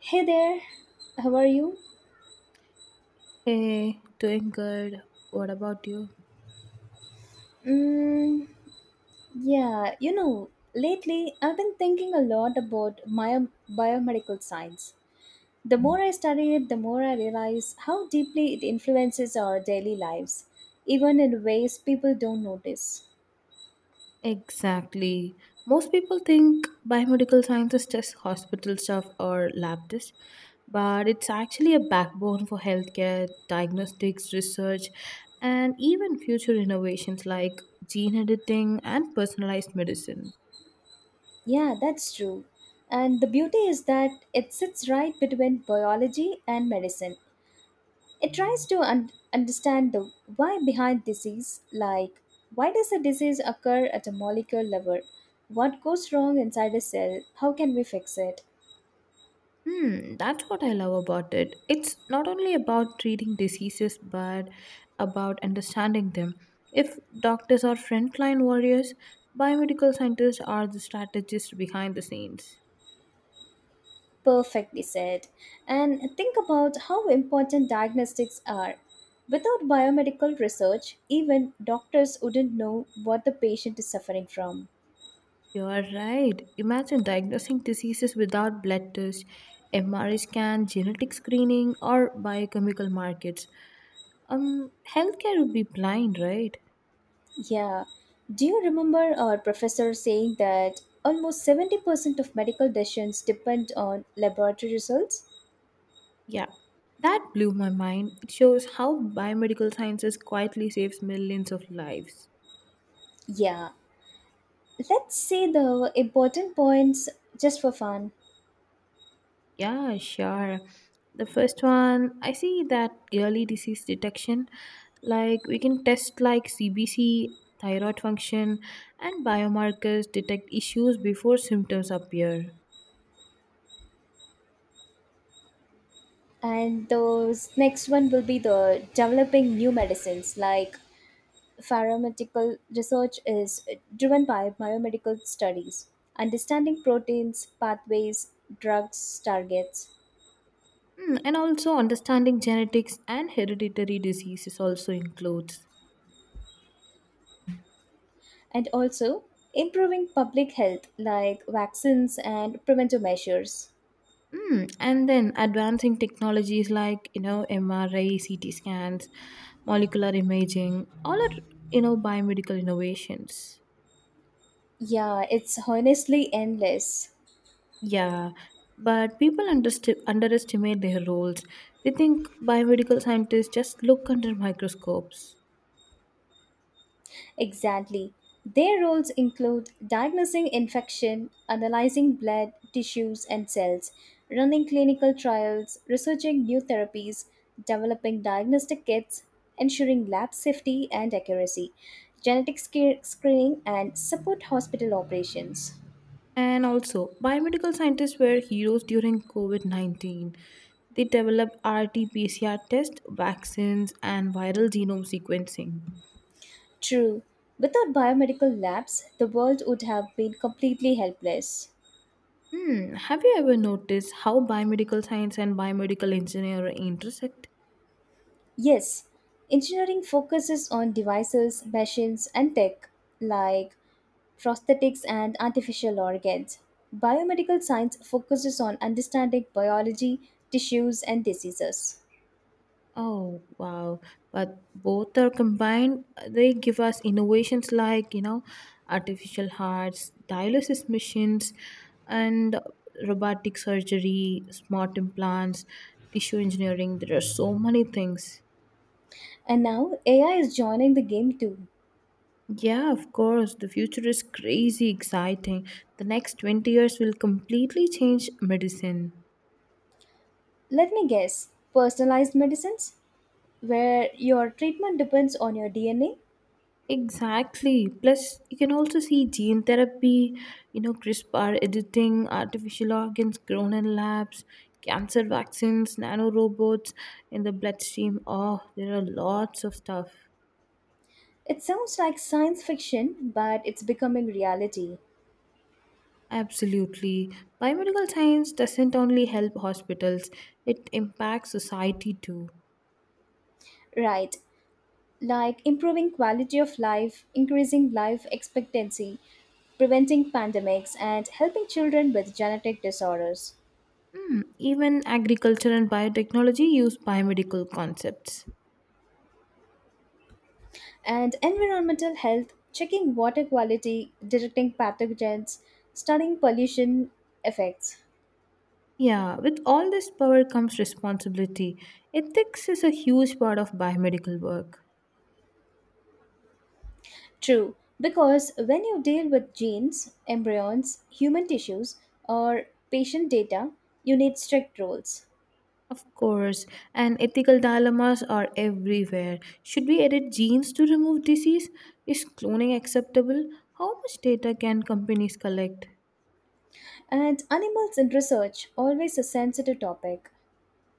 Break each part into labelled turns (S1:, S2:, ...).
S1: Hey there, how are you?
S2: Hey, doing good. What about you?
S1: Mm, yeah, you know, lately I've been thinking a lot about biomedical science. The more I study it, the more I realize how deeply it influences our daily lives, even in ways people don't notice.
S2: Exactly. Most people think biomedical science is just hospital stuff or lab tests, but it's actually a backbone for healthcare, diagnostics, research, and even future innovations like gene editing and personalized medicine.
S1: Yeah, that's true. And the beauty is that it sits right between biology and medicine. It tries to understand the why behind disease, like why does a disease occur at a molecular level? What goes wrong inside a cell? How can we fix it?
S2: Hmm, that's what I love about it. It's not only about treating diseases but about understanding them. If doctors are frontline warriors, biomedical scientists are the strategists behind the scenes.
S1: Perfectly said. And think about how important diagnostics are. Without biomedical research, even doctors wouldn't know what the patient is suffering from.
S2: You are right. Imagine diagnosing diseases without blood tests, MRI scan, genetic screening, or biochemical markets. Um, Healthcare would be blind, right?
S1: Yeah. Do you remember our professor saying that almost 70% of medical decisions depend on laboratory results?
S2: Yeah, that blew my mind. It shows how biomedical sciences quietly saves millions of lives.
S1: Yeah, let's see the important points, just for fun.
S2: Yeah, sure. The first one, I see that early disease detection, like we can test like CBC, thyroid function, and biomarkers detect issues before symptoms appear.
S1: And those next one will be the developing new medicines, like pharmaceutical research is driven by biomedical studies, understanding proteins pathways, drugs targets.
S2: Hmm, and also understanding genetics and hereditary diseases also includes.
S1: And also improving public health like vaccines and preventive measures.
S2: Mm, and then advancing technologies like you know MRI, CT scans, molecular imaging, all are you know biomedical innovations.
S1: Yeah, it's honestly endless.
S2: Yeah, but people underestimate their roles. They think biomedical scientists just look under microscopes.
S1: Exactly. Their roles include diagnosing infection, analyzing blood, tissues, and cells, running clinical trials, researching new therapies, developing diagnostic kits, ensuring lab safety and accuracy, screening, and support hospital operations.
S2: And also, biomedical scientists were heroes during COVID 19. They developed RT-PCR tests, vaccines, and viral genome sequencing.
S1: True. Without biomedical labs, the world would have been completely helpless.
S2: Hmm, have you ever noticed how biomedical science and biomedical engineering intersect?
S1: Yes, engineering focuses on devices, machines, and tech like prosthetics and artificial organs. Biomedical science focuses on understanding biology, tissues, and diseases.
S2: Oh, wow. But both are combined, they give us innovations like, you know, artificial hearts, dialysis machines, and robotic surgery, smart implants, tissue engineering. There are so many things.
S1: And now AI is joining the game too.
S2: Yeah, of course. The future is crazy exciting. The next 20 years will completely change medicine.
S1: Let me guess, personalized medicines, where your treatment depends on your DNA?
S2: Exactly. Plus, you can also see gene therapy, you know, CRISPR editing, artificial organs grown in labs, cancer vaccines, nanorobots in the bloodstream. Oh, there are lots of stuff.
S1: It sounds like science fiction, but it's becoming reality.
S2: Absolutely. Biomedical science doesn't only help hospitals, it impacts society too.
S1: Right, like improving quality of life, increasing life expectancy, preventing pandemics, and helping children with genetic disorders.
S2: Hmm, even agriculture and biotechnology use biomedical concepts.
S1: And environmental health, checking water quality, detecting pathogens, studying pollution effects.
S2: Yeah, with all this power comes responsibility. Ethics is a huge part of biomedical work.
S1: True, because when you deal with genes, embryons, human tissues, or patient data, you need strict rules.
S2: Of course, and ethical dilemmas are everywhere. Should we edit genes to remove disease? Is cloning acceptable? How much data can companies collect?
S1: And animals in research, always a sensitive topic.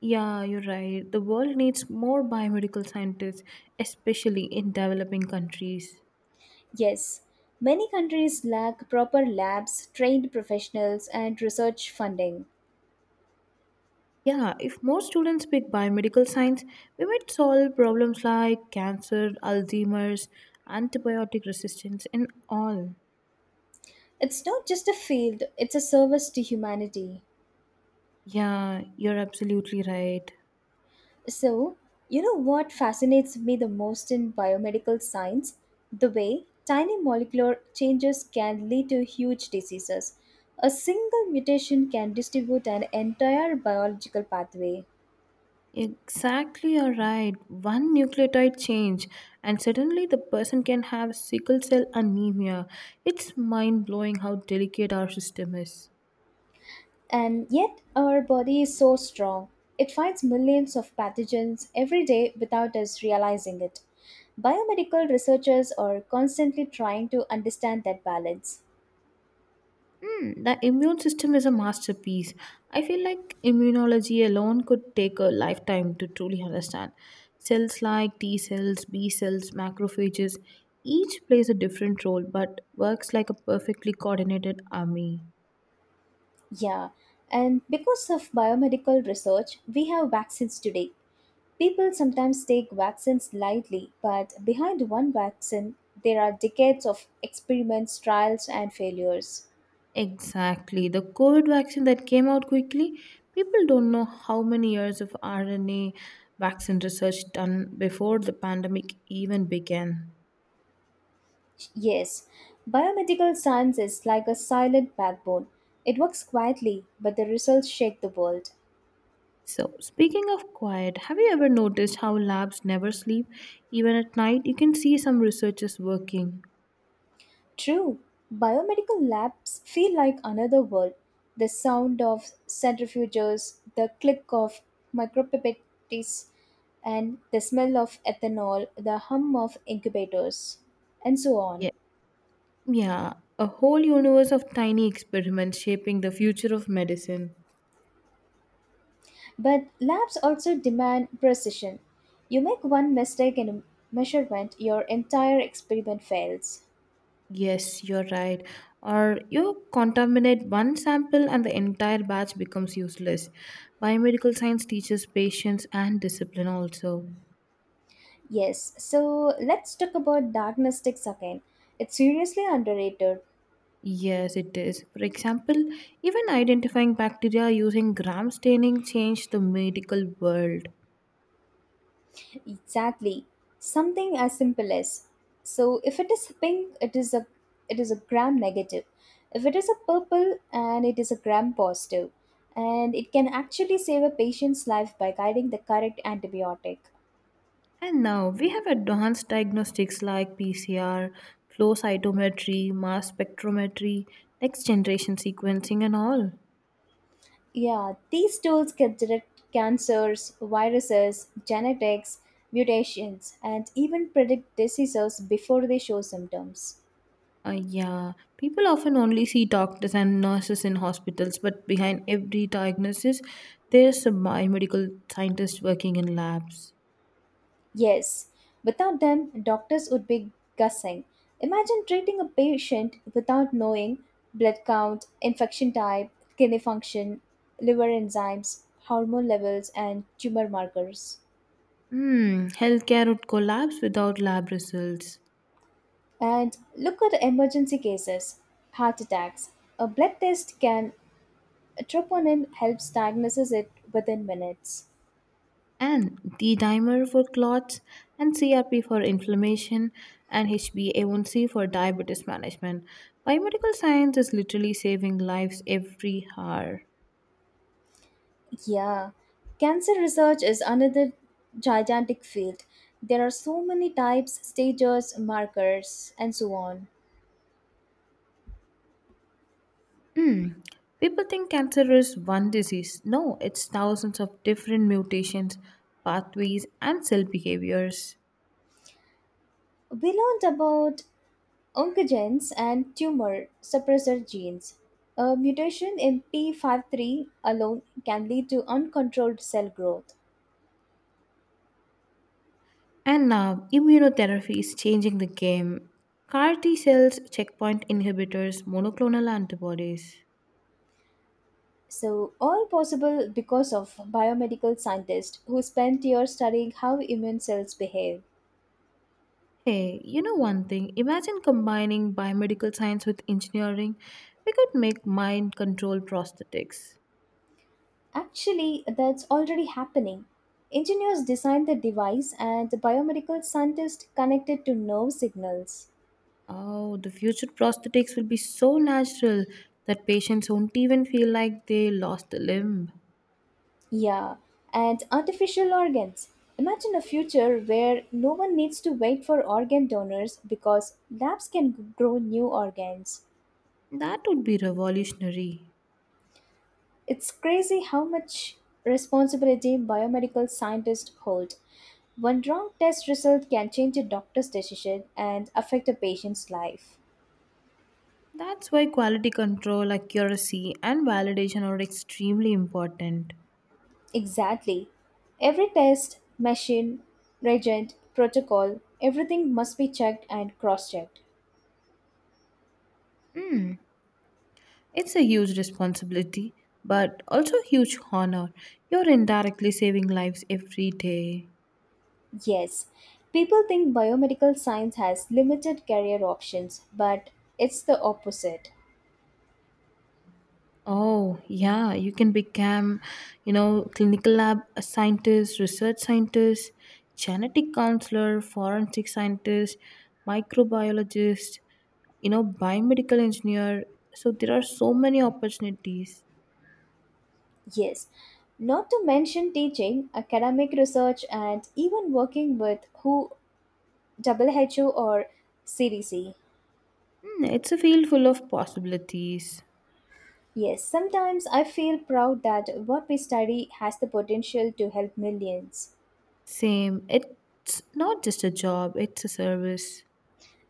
S2: Yeah, you're right. The world needs more biomedical scientists, especially in developing countries.
S1: Yes, many countries lack proper labs, trained professionals, and research funding.
S2: Yeah, if more students pick biomedical science, we might solve problems like cancer, Alzheimer's, antibiotic resistance, and all.
S1: It's not just a field, it's a service to humanity.
S2: Yeah, you're absolutely right.
S1: So, you know what fascinates me the most in biomedical science? The way tiny molecular changes can lead to huge diseases. A single mutation can distribute an entire biological pathway.
S2: Exactly, you're right. One nucleotide change, and suddenly the person can have sickle cell anemia. It's mind blowing how delicate our system is.
S1: And yet, our body is so strong. It fights millions of pathogens every day without us realizing it. Biomedical researchers are constantly trying to understand that balance.
S2: Hmm, the immune system is a masterpiece. I feel like immunology alone could take a lifetime to truly understand. Cells like T cells, B cells, macrophages, each plays a different role but works like a perfectly coordinated army.
S1: Yeah, and because of biomedical research, we have vaccines today. People sometimes take vaccines lightly, but behind one vaccine, there are decades of experiments, trials, and failures.
S2: Exactly. The COVID vaccine that came out quickly, people don't know how many years of RNA vaccine research done before the pandemic even began.
S1: Yes, biomedical science is like a silent backbone. It works quietly, but the results shake the world.
S2: So, speaking of quiet, have you ever noticed how labs never sleep? Even at night, you can see some researchers working.
S1: True, biomedical labs feel like another world. The sound of centrifuges, the click of micropipettes, and the smell of ethanol, the hum of incubators, and so on.
S2: Yeah. Yeah, a whole universe of tiny experiments shaping the future of medicine.
S1: But labs also demand precision. You make one mistake in a measurement, your entire experiment fails.
S2: Yes, you're right. Or you contaminate one sample and the entire batch becomes useless. Biomedical science teaches patience and discipline also.
S1: Yes, so let's talk about diagnostics again. It's seriously underrated.
S2: Yes, it is. For example, even identifying bacteria using gram staining changed the medical world.
S1: Exactly. Something as simple as, so if it is pink, it is a gram negative. If it is a purple, and it is a gram positive. And it can actually save a patient's life by guiding the correct antibiotic.
S2: And now we have advanced diagnostics like PCR, flow cytometry, mass spectrometry, next generation sequencing, and all.
S1: Yeah, these tools can detect cancers, viruses, genetics, mutations, and even predict diseases before they show symptoms.
S2: Yeah, people often only see doctors and nurses in hospitals, but behind every diagnosis, there's a biomedical scientist working in labs.
S1: Yes, without them, doctors would be guessing. Imagine treating a patient without knowing blood count, infection type, kidney function, liver enzymes, hormone levels, and tumor markers.
S2: Hmm, healthcare would collapse without lab results.
S1: And look at emergency cases, heart attacks. A blood test can, troponin helps diagnose it within minutes.
S2: And D dimer for clots, and CRP for inflammation, and HbA1c for diabetes management. Biomedical science is literally saving lives every hour.
S1: Yeah, cancer research is another gigantic field. There are so many types, stages, markers, and so on.
S2: Hmm. People think cancer is one disease. No, it's thousands of different mutations, pathways, and cell behaviors.
S1: We learned about oncogenes and tumor suppressor genes. A mutation in p53 alone can lead to uncontrolled cell growth.
S2: And now, immunotherapy is changing the game. CAR T cells, checkpoint inhibitors, monoclonal antibodies.
S1: So, all possible because of biomedical scientists who spent years studying how immune cells behave.
S2: Hey, you know one thing? Imagine combining biomedical science with engineering. We could make mind control prosthetics.
S1: Actually, that's already happening. Engineers design the device and the biomedical scientists connect it to nerve signals.
S2: Oh, the future prosthetics will be so natural that patients won't even feel like they lost a limb.
S1: Yeah, and artificial organs. Imagine a future where no one needs to wait for organ donors because labs can grow new organs.
S2: That would be revolutionary.
S1: It's crazy how much responsibility biomedical scientists hold. One wrong test result can change a doctor's decision and affect a patient's life.
S2: That's why quality control, accuracy, and validation are extremely important.
S1: Exactly. Every test, machine, reagent, protocol, everything must be checked and cross checked.
S2: Hmm, it's a huge responsibility, but also a huge honor. You're indirectly saving lives every day.
S1: Yes, people think biomedical science has limited career options, but it's the opposite.
S2: Oh, yeah, you can become, you know, clinical lab scientist, research scientist, genetic counselor, forensic scientist, microbiologist, you know, biomedical engineer. So there are so many opportunities.
S1: Yes, not to mention teaching, academic research, and even working with WHO, or CDC.
S2: Hmm, it's a field full of possibilities.
S1: Yes, sometimes I feel proud that what we study has the potential to help millions.
S2: Same, it's not just a job, it's a service.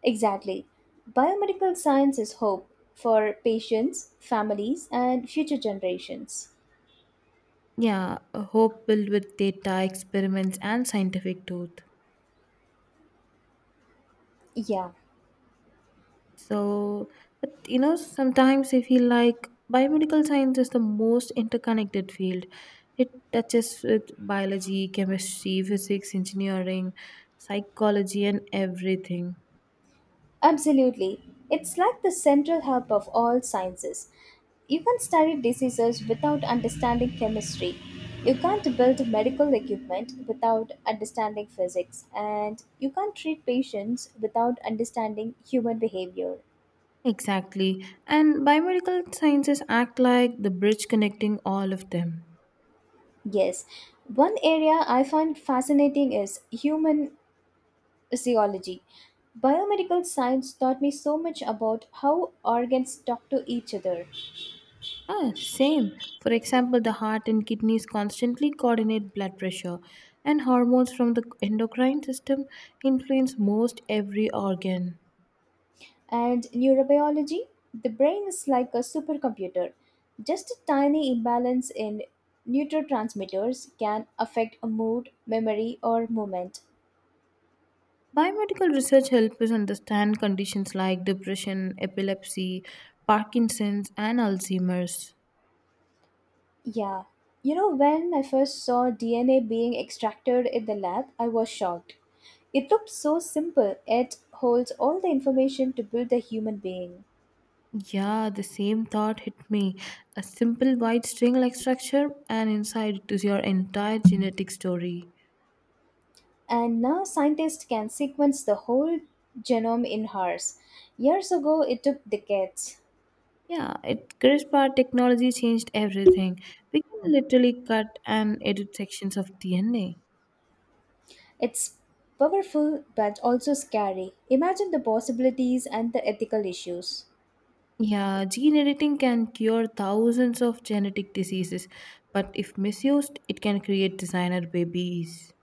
S1: Exactly. Biomedical science is hope for patients, families, and future generations.
S2: Yeah, a hope filled with data, experiments, and scientific truth.
S1: Yeah,
S2: So, but you know, sometimes I feel like biomedical science is the most interconnected field. It touches with biology, chemistry, physics, engineering, psychology, and everything.
S1: absolutely. It's like the central hub of all sciences. You can study diseases without understanding chemistry. You can't build medical equipment without understanding physics. And you can't treat patients without understanding human behavior.
S2: Exactly. And biomedical sciences act like the bridge connecting all of them.
S1: Yes, one area I find fascinating is human zoology. Biomedical science taught me so much about how organs talk to each other.
S2: Ah, same. For example, the heart and kidneys constantly coordinate blood pressure, and hormones from the endocrine system influence most every organ.
S1: And neurobiology, the brain is like a supercomputer. Just a tiny imbalance in neurotransmitters can affect a mood, memory, or movement.
S2: Biomedical research helps us understand conditions like depression, epilepsy, Parkinson's, and Alzheimer's.
S1: Yeah. You know, when I first saw DNA being extracted in the lab, I was shocked. It looked so simple, yet holds all the information to build a human being.
S2: Yeah, the same thought hit me. A simple white string like structure, and inside it is your entire genetic story.
S1: And now scientists can sequence the whole genome in hours. Years ago, it took decades.
S2: Yeah, it CRISPR technology changed everything. We can literally cut and edit sections of DNA.
S1: It's powerful but also scary. Imagine the possibilities and the ethical issues.
S2: Yeah, gene editing can cure thousands of genetic diseases, but if misused, it can create designer babies.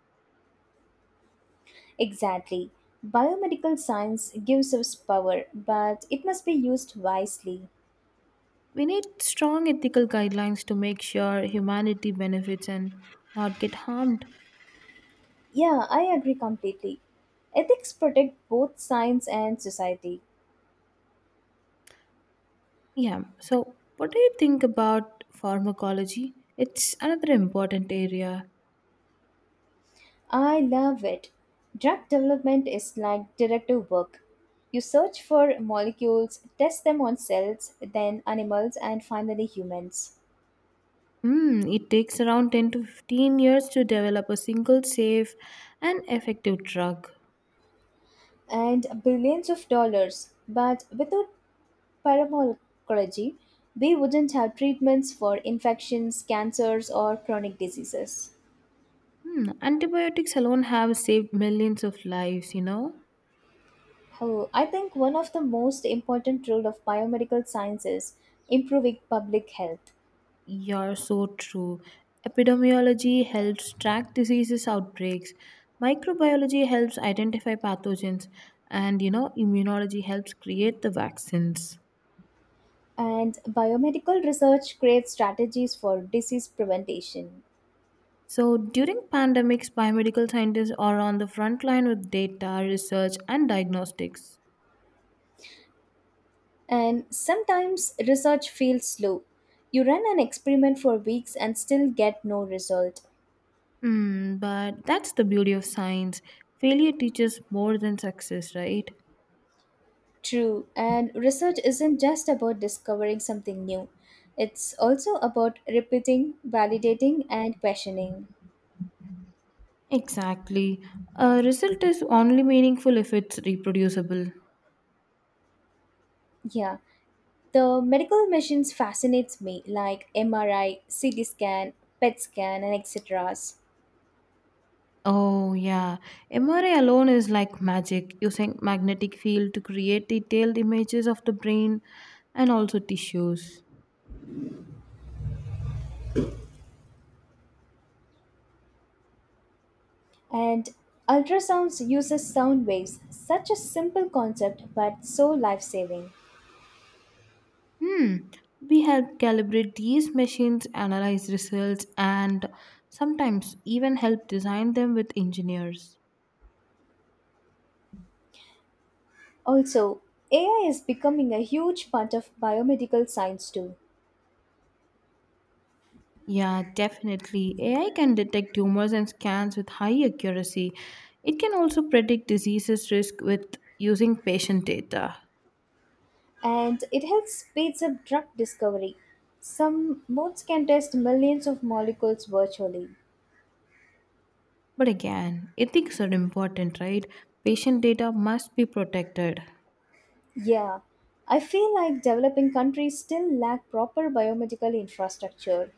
S1: Exactly. Biomedical science gives us power, but it must be used wisely.
S2: We need strong ethical guidelines to make sure humanity benefits and not get harmed.
S1: Yeah, I agree completely. Ethics protect both science and society.
S2: Yeah, so what do you think about pharmacology? It's another important area.
S1: I love it. Drug development is like detective work. You search for molecules, test them on cells, then animals, and finally humans.
S2: Hmm, it takes around 10 to 15 years to develop a single safe and effective drug.
S1: And billions of dollars. But without paramology, we wouldn't have treatments for infections, cancers, or chronic diseases.
S2: Hmm, antibiotics alone have saved millions of lives, you know.
S1: Oh, I think one of the most important role of biomedical science is improving public health.
S2: You're so true. Epidemiology helps track diseases outbreaks. Microbiology helps identify pathogens and you know immunology helps create the vaccines.
S1: And biomedical research creates strategies for disease prevention.
S2: So during pandemics biomedical scientists are on the front line with data, research and diagnostics.
S1: And sometimes research feels slow. You run an experiment for weeks and still get no result.
S2: Hmm, but that's the beauty of science. Failure teaches more than success, right?
S1: True, and research isn't just about discovering something new, it's also about repeating, validating, and questioning.
S2: Exactly. A result is only meaningful if it's reproducible.
S1: Yeah, the medical machines fascinates me, like MRI, CT scan, PET scan, and etc.
S2: Oh, yeah. MRI alone is like magic, using magnetic field to create detailed images of the brain and also tissues.
S1: And ultrasounds uses sound waves, such a simple concept but so life-saving.
S2: Hmm. We help calibrate these machines, analyze results, and sometimes even help design them with engineers.
S1: Also, AI is becoming a huge part of biomedical science too,
S2: Yeah, definitely. AI can detect tumors and scans with high accuracy. It can also predict diseases risk with using patient data.
S1: and it helps speeds up drug discovery. Some modes can test millions of molecules virtually.
S2: But again, ethics are important, right? Patient data must be protected.
S1: Yeah, I feel like developing countries still lack proper biomedical infrastructure.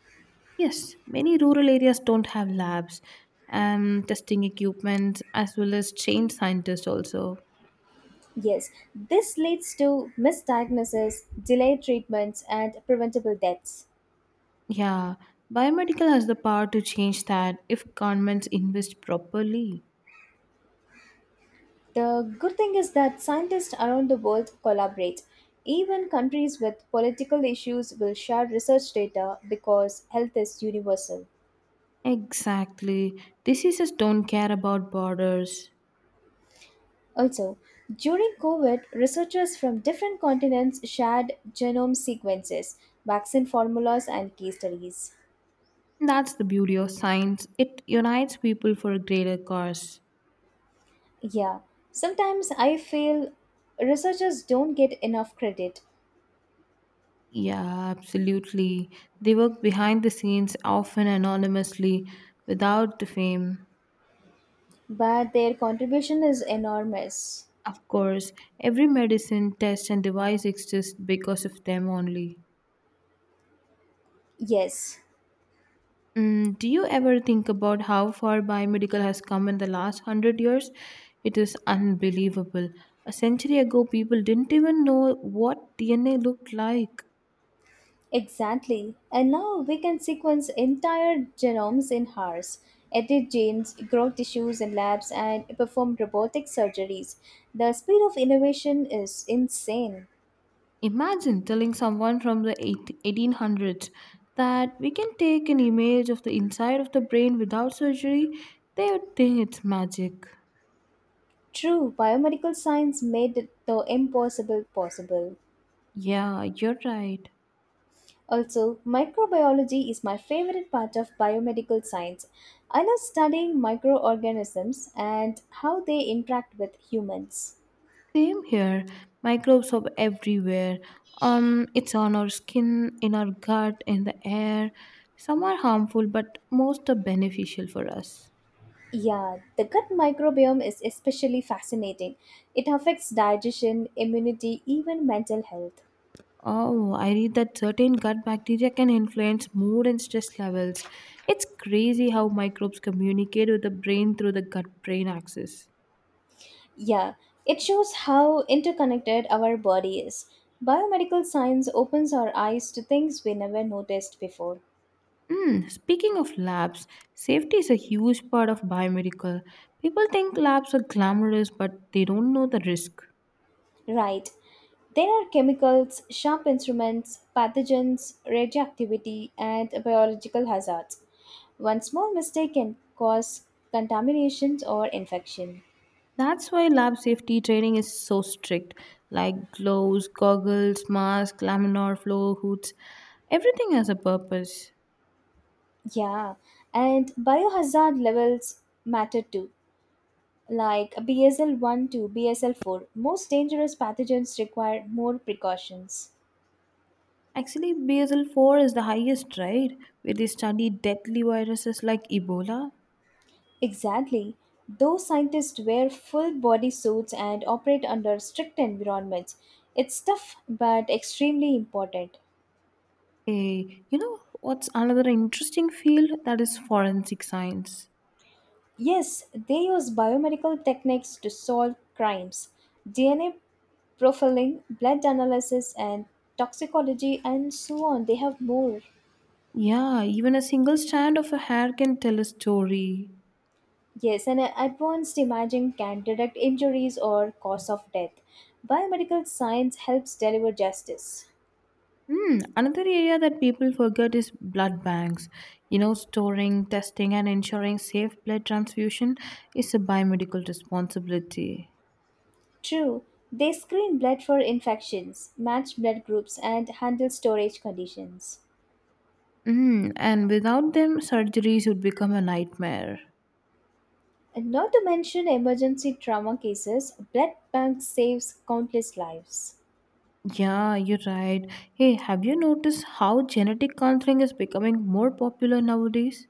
S2: Yes, many rural areas don't have labs and testing equipment as well as trained scientists also.
S1: Yes, this leads to misdiagnoses, delayed treatments, and preventable deaths.
S2: Yeah, biomedical has the power to change that if governments invest properly.
S1: The good thing is that scientists around the world collaborate. Even countries with political issues will share research data because health is universal.
S2: Exactly. Diseases don't care about borders.
S1: Also, during COVID, researchers from different continents shared genome sequences, vaccine formulas, and case studies.
S2: That's the beauty of science. It unites people for a greater cause.
S1: Yeah, sometimes I feel researchers don't get enough credit,
S2: Yeah, absolutely. They work behind the scenes, often anonymously, without the fame.
S1: but their contribution is enormous.
S2: Of course, every medicine, test, and device exists because of them only.
S1: Yes.
S2: Mm, do you ever think about how far biomedical has come in the last hundred years? It is unbelievable. A century ago, people didn't even know what DNA looked like.
S1: Exactly. And now we can sequence entire genomes in hours, edit genes, grow tissues in labs, and perform robotic surgeries. The speed of innovation is insane.
S2: Imagine telling someone from the 1800s that we can take an image of the inside of the brain without surgery, they would think it's magic.
S1: True, biomedical science made the impossible possible.
S2: Yeah, you're right.
S1: Also, microbiology is my favorite part of biomedical science. I love studying microorganisms and how they interact with humans.
S2: Same here. Microbes are everywhere. It's on our skin, in our gut, in the air. Some are harmful, but most are beneficial for us.
S1: Yeah, the gut microbiome is especially fascinating. It affects digestion, immunity, even mental health.
S2: Oh, I read that certain gut bacteria can influence mood and stress levels. It's crazy how microbes communicate with the brain through the gut brain axis.
S1: Yeah, it shows how interconnected our body is. Biomedical science opens our eyes to things we never noticed before.
S2: Mm, speaking of labs, safety is a huge part of biomedical. People think labs are glamorous, but they don't know the risk.
S1: Right. There are chemicals, sharp instruments, pathogens, radioactivity, and biological hazards. One small mistake can cause contaminations or infection.
S2: That's why lab safety training is so strict, like gloves, goggles, masks, laminar flow hoods. Everything has a purpose.
S1: Yeah, and biohazard levels matter too, like BSL 1 to BSL 4. Most dangerous pathogens require more precautions.
S2: Actually, Basel 4 is the highest, right? Where they study deadly viruses like Ebola.
S1: Exactly. Those scientists wear full body suits and operate under strict environments. It's tough but extremely important.
S2: Eh, you know what's another interesting field? That is forensic science.
S1: Yes, they use biomedical techniques to solve crimes. DNA profiling, blood analysis, and toxicology, and so on. They have more.
S2: Yeah, even a single strand of a hair can tell a story.
S1: Yes, and advanced imaging can detect injuries or cause of death. Biomedical science helps deliver justice.
S2: Hmm, another area that people forget is blood banks. You know, storing, testing, and ensuring safe blood transfusion is a biomedical responsibility.
S1: True, they screen blood for infections, match blood groups, and handle storage conditions.
S2: Hmm, and without them, surgeries would become a nightmare.
S1: And not to mention emergency trauma cases, blood bank saves countless lives.
S2: Yeah, you're right. Hey, have you noticed how genetic counseling is becoming more popular nowadays?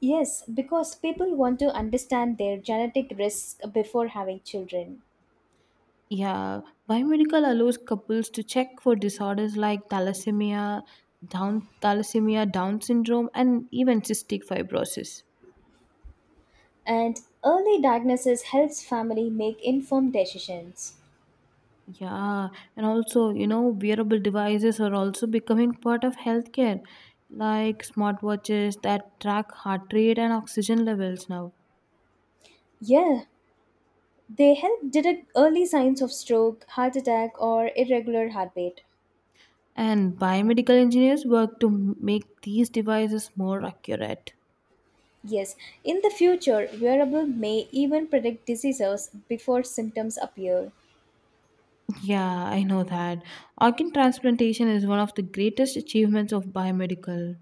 S1: Yes, because people want to understand their genetic risk before having children.
S2: Yeah, biomedical allows couples to check for disorders like thalassemia, Down syndrome, and even cystic fibrosis.
S1: And early diagnosis helps family make informed decisions.
S2: Yeah, and also, you know, wearable devices are also becoming part of healthcare, like smartwatches that track heart rate and oxygen levels now.
S1: Yeah, they help detect early signs of stroke, heart attack, or irregular heartbeat.
S2: And biomedical engineers work to make these devices more accurate.
S1: Yes, in the future, wearable may even predict diseases before symptoms appear.
S2: Yeah, I know that. Organ transplantation is one of the greatest achievements of biomedical.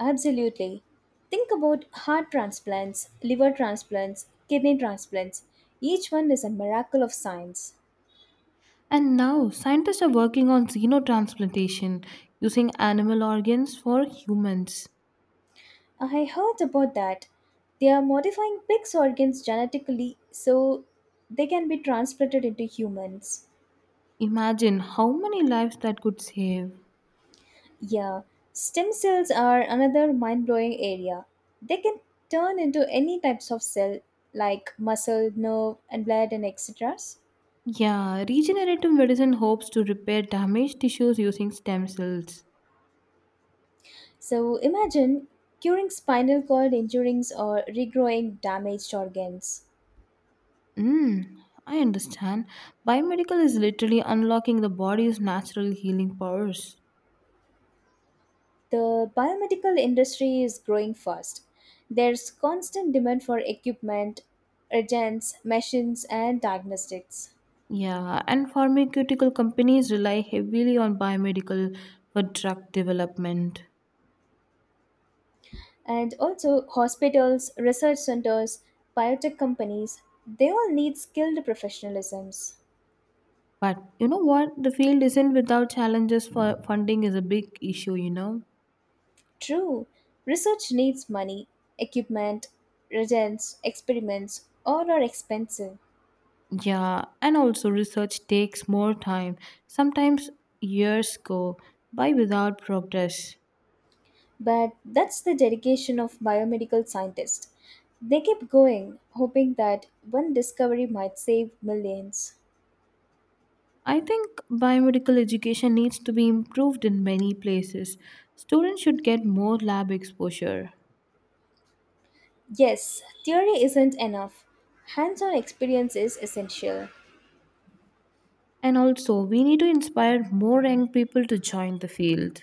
S1: Absolutely. Think about heart transplants, liver transplants, kidney transplants. Each one is a miracle of science.
S2: And now, scientists are working on xenotransplantation using animal organs for humans.
S1: I heard about that. They are modifying pig's organs genetically so they can be transplanted into humans.
S2: Imagine how many lives that could save.
S1: Yeah, stem cells are another mind blowing area. They can turn into any types of cell like muscle, nerve, and blood, and etc.
S2: Yeah, regenerative medicine hopes to repair damaged tissues using stem cells.
S1: So imagine curing spinal cord injuries or regrowing damaged organs.
S2: Mm, I understand. Biomedical is literally unlocking the body's natural healing powers.
S1: The biomedical industry is growing fast. There's constant demand for equipment, agents, machines, and diagnostics.
S2: Yeah, and pharmaceutical companies rely heavily on biomedical for drug development.
S1: And also, hospitals, research centers, biotech companies, they all need skilled professionalisms.
S2: But you know what? The field isn't without challenges for funding is a big issue, you know?
S1: True, research needs money, equipment, reagents, experiments, all are expensive.
S2: Yeah, and also research takes more time. Sometimes years go by without progress.
S1: But that's the dedication of biomedical scientists. They keep going, hoping that one discovery might save millions.
S2: I think biomedical education needs to be improved in many places. Students should get more lab exposure.
S1: Yes, theory isn't enough. Hands-on experience is essential.
S2: And also, we need to inspire more young people to join the field.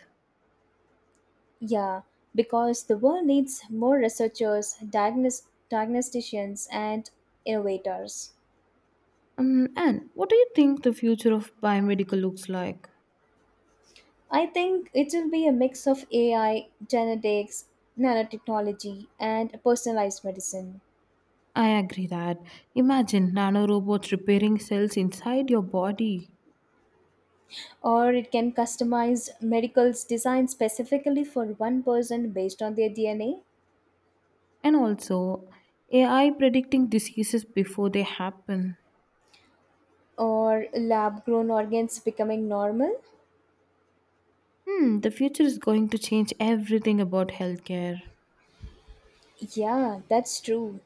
S1: Yeah, because the world needs more researchers, diagnosticians, and innovators.
S2: And what do you think the future of biomedical looks like?
S1: I think it will be a mix of AI, genetics, nanotechnology, and personalized medicine.
S2: I agree that. Imagine nanorobots repairing cells inside your body.
S1: Or it can customize medicals designed specifically for one person based on their DNA,
S2: And also, AI predicting diseases before they happen.
S1: or lab grown organs becoming normal.
S2: Hmm, the future is going to change everything about healthcare.
S1: Yeah, that's true.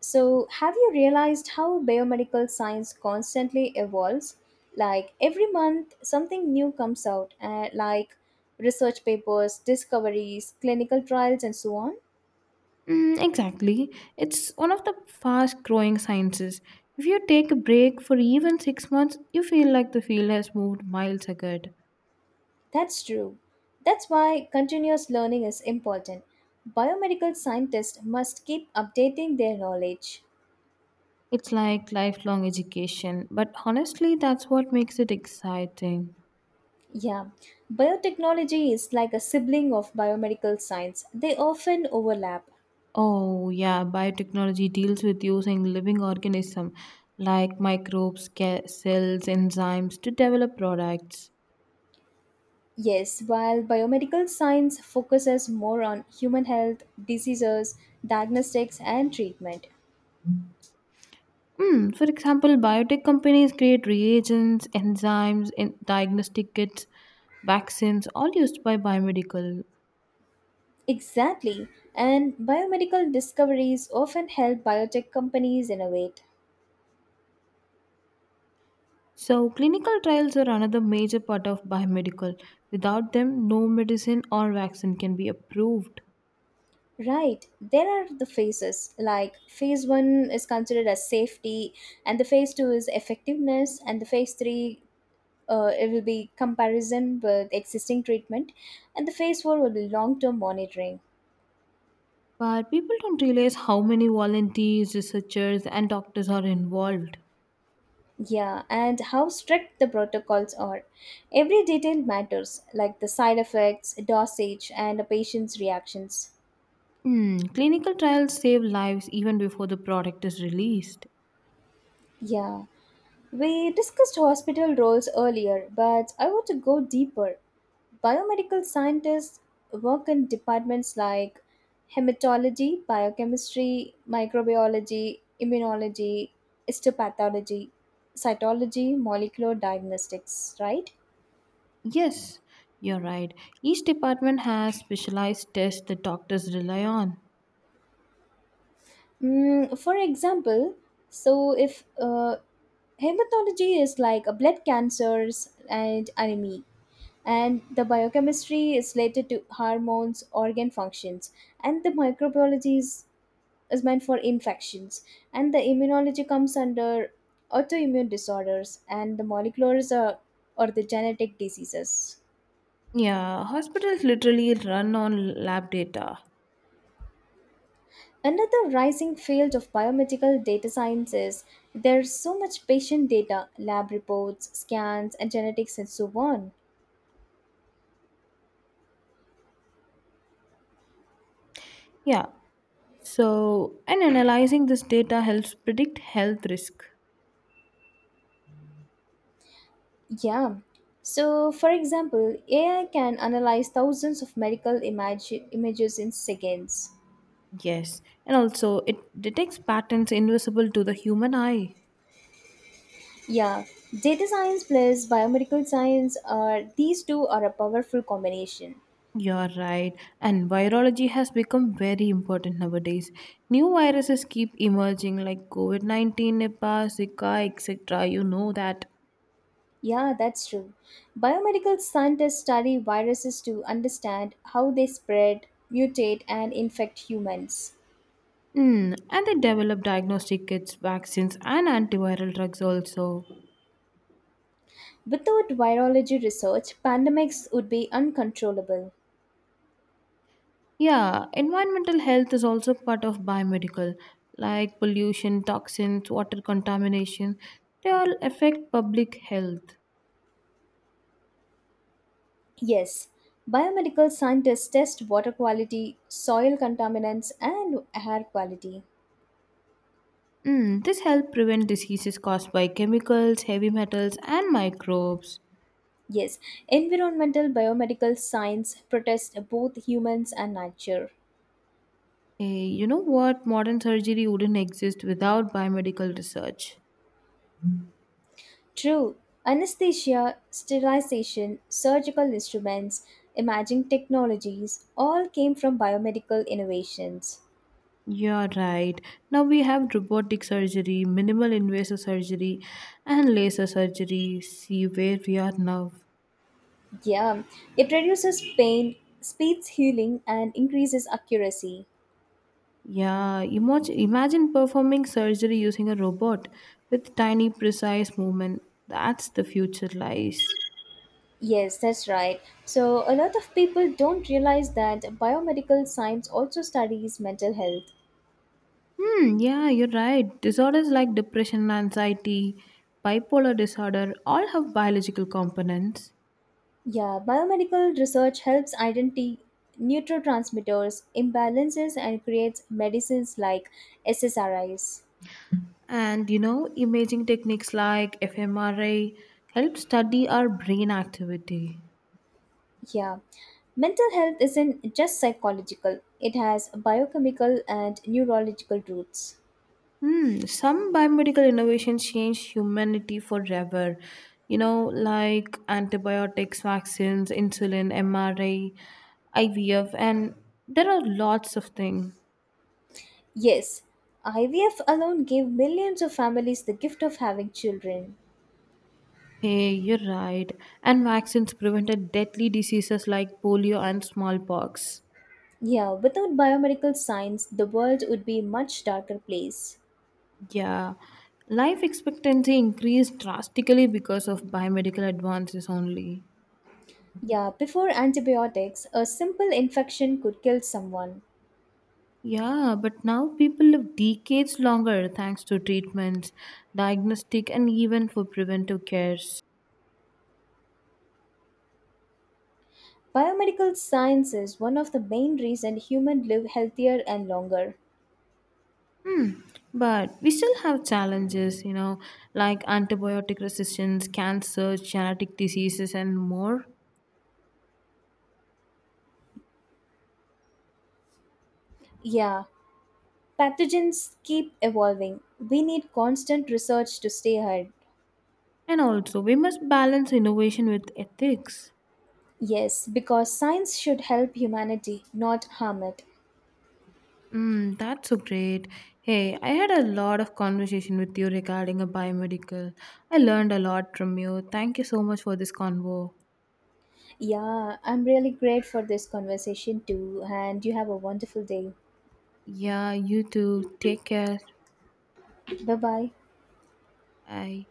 S1: So, have you realized how biomedical science constantly evolves? Like every month, something new comes out, like research papers, discoveries, clinical trials, and so on.
S2: Mm, exactly. It's one of the fast growing sciences. If you take a break for even 6 months, you feel like the field has moved miles ahead.
S1: That's true. That's why continuous learning is important. Biomedical scientists must keep updating their knowledge.
S2: It's like lifelong education, but honestly, that's what makes it exciting.
S1: Yeah, biotechnology is like a sibling of biomedical science, they often overlap.
S2: Oh, yeah, biotechnology deals with using living organisms like microbes, cells, enzymes to develop products.
S1: Yes, while biomedical science focuses more on human health, diseases, diagnostics, and treatment.
S2: Hmm. For example, biotech companies create reagents, enzymes, and diagnostic kits, vaccines, all used by biomedical.
S1: Exactly, and biomedical discoveries often help biotech companies innovate.
S2: So, clinical trials are another major part of biomedical. Without them, no medicine or vaccine can be approved.
S1: Right, there are the phases like phase one is considered as safety, and the phase two is effectiveness, and the phase three it will be comparison with existing treatment, and the phase four will be long term monitoring.
S2: But people don't realize how many volunteers, researchers, and doctors are involved.
S1: Yeah, and how strict the protocols are. Every detail matters, like the side effects, dosage, and a patient's reactions.
S2: Hmm. Clinical trials save lives even before the product is released.
S1: Yeah, we discussed hospital roles earlier, but I want to go deeper. Biomedical scientists work in departments like hematology, biochemistry, microbiology, immunology, histopathology, cytology, molecular diagnostics, right?
S2: Yes, you're right. Each department has specialized tests that doctors rely on.
S1: Mm, for example, so if hematology is like a blood cancers and anemia, and the biochemistry is related to hormones, organ functions, and the microbiology is meant for infections, and the immunology comes under autoimmune disorders, and the moleculars are or the genetic diseases.
S2: Yeah, hospitals literally run on lab data.
S1: Another rising field of biomedical data science is there's so much patient data, lab reports, scans, and genetics, and so on.
S2: Yeah, so and analyzing this data helps predict health risk.
S1: Yeah. So, for example, AI can analyze thousands of images in seconds.
S2: Yes, and also it detects patterns invisible to the human eye.
S1: Yeah, data science plus biomedical science, are these two are a powerful combination.
S2: You're right, and virology has become very important nowadays. New viruses keep emerging like COVID 19, Nipah, Zika, etc. You know that.
S1: Yeah, that's true. Biomedical scientists study viruses to understand how they spread, mutate, and infect humans.
S2: Hmm, and they develop diagnostic kits, vaccines, and antiviral drugs also.
S1: Without virology research, pandemics would be uncontrollable.
S2: Yeah, environmental health is also part of biomedical, like pollution, toxins, water contamination. They all affect public health.
S1: Yes, biomedical scientists test water quality, soil contaminants, and air quality.
S2: Mm, this helps prevent diseases caused by chemicals, heavy metals, and microbes.
S1: Yes, environmental biomedical science protests both humans and nature.
S2: Hey, you know what? Modern surgery wouldn't exist without biomedical research.
S1: True, anesthesia, sterilization, surgical instruments, imaging technologies all came from biomedical innovations.
S2: You're right. Now we have robotic surgery, minimal invasive surgery, and laser surgery. See where we are now.
S1: Yeah, it reduces pain, speeds healing, and increases accuracy.
S2: Yeah, imagine performing surgery using a robot with tiny, precise movement. That's the future lies.
S1: Yes, that's right. So, a lot of people don't realize that biomedical science also studies mental health.
S2: Hmm, yeah, you're right. Disorders like depression, anxiety, bipolar disorder all have biological components.
S1: Yeah, biomedical research helps identify neurotransmitters, imbalances, and creates medicines like SSRIs.
S2: And you know, imaging techniques like fMRI help study our brain activity.
S1: Yeah. Mental health isn't just psychological, it has biochemical and neurological roots.
S2: Hmm, some biomedical innovations changed humanity forever. You know, like antibiotics, vaccines, insulin, MRI, IVF, and there are lots of things.
S1: Yes, IVF alone gave millions of families the gift of having children.
S2: Hey, you're right. And vaccines prevented deadly diseases like polio and smallpox.
S1: Yeah, without biomedical science, the world would be a much darker place.
S2: Yeah, life expectancy increased drastically because of biomedical advances only.
S1: Yeah, before antibiotics, a simple infection could kill someone.
S2: Yeah, but now people live decades longer thanks to treatments, diagnostic, and even for preventive cares.
S1: Biomedical science is one of the main reason humans live healthier and longer.
S2: But we still have challenges, you know, like antibiotic resistance, cancer, genetic diseases, and more.
S1: Yeah, pathogens keep evolving. We need constant research to stay ahead.
S2: And also, we must balance innovation with ethics.
S1: Yes, because science should help humanity, not harm it.
S2: Mm, that's so great. Hey, I had a lot of conversation with you regarding a biomedical. I learned a lot from you. Thank you so much for this convo.
S1: Yeah, I'm really great for this conversation too, and you have a wonderful day.
S2: Yeah, you too. Take care.
S1: Bye bye.
S2: 拜。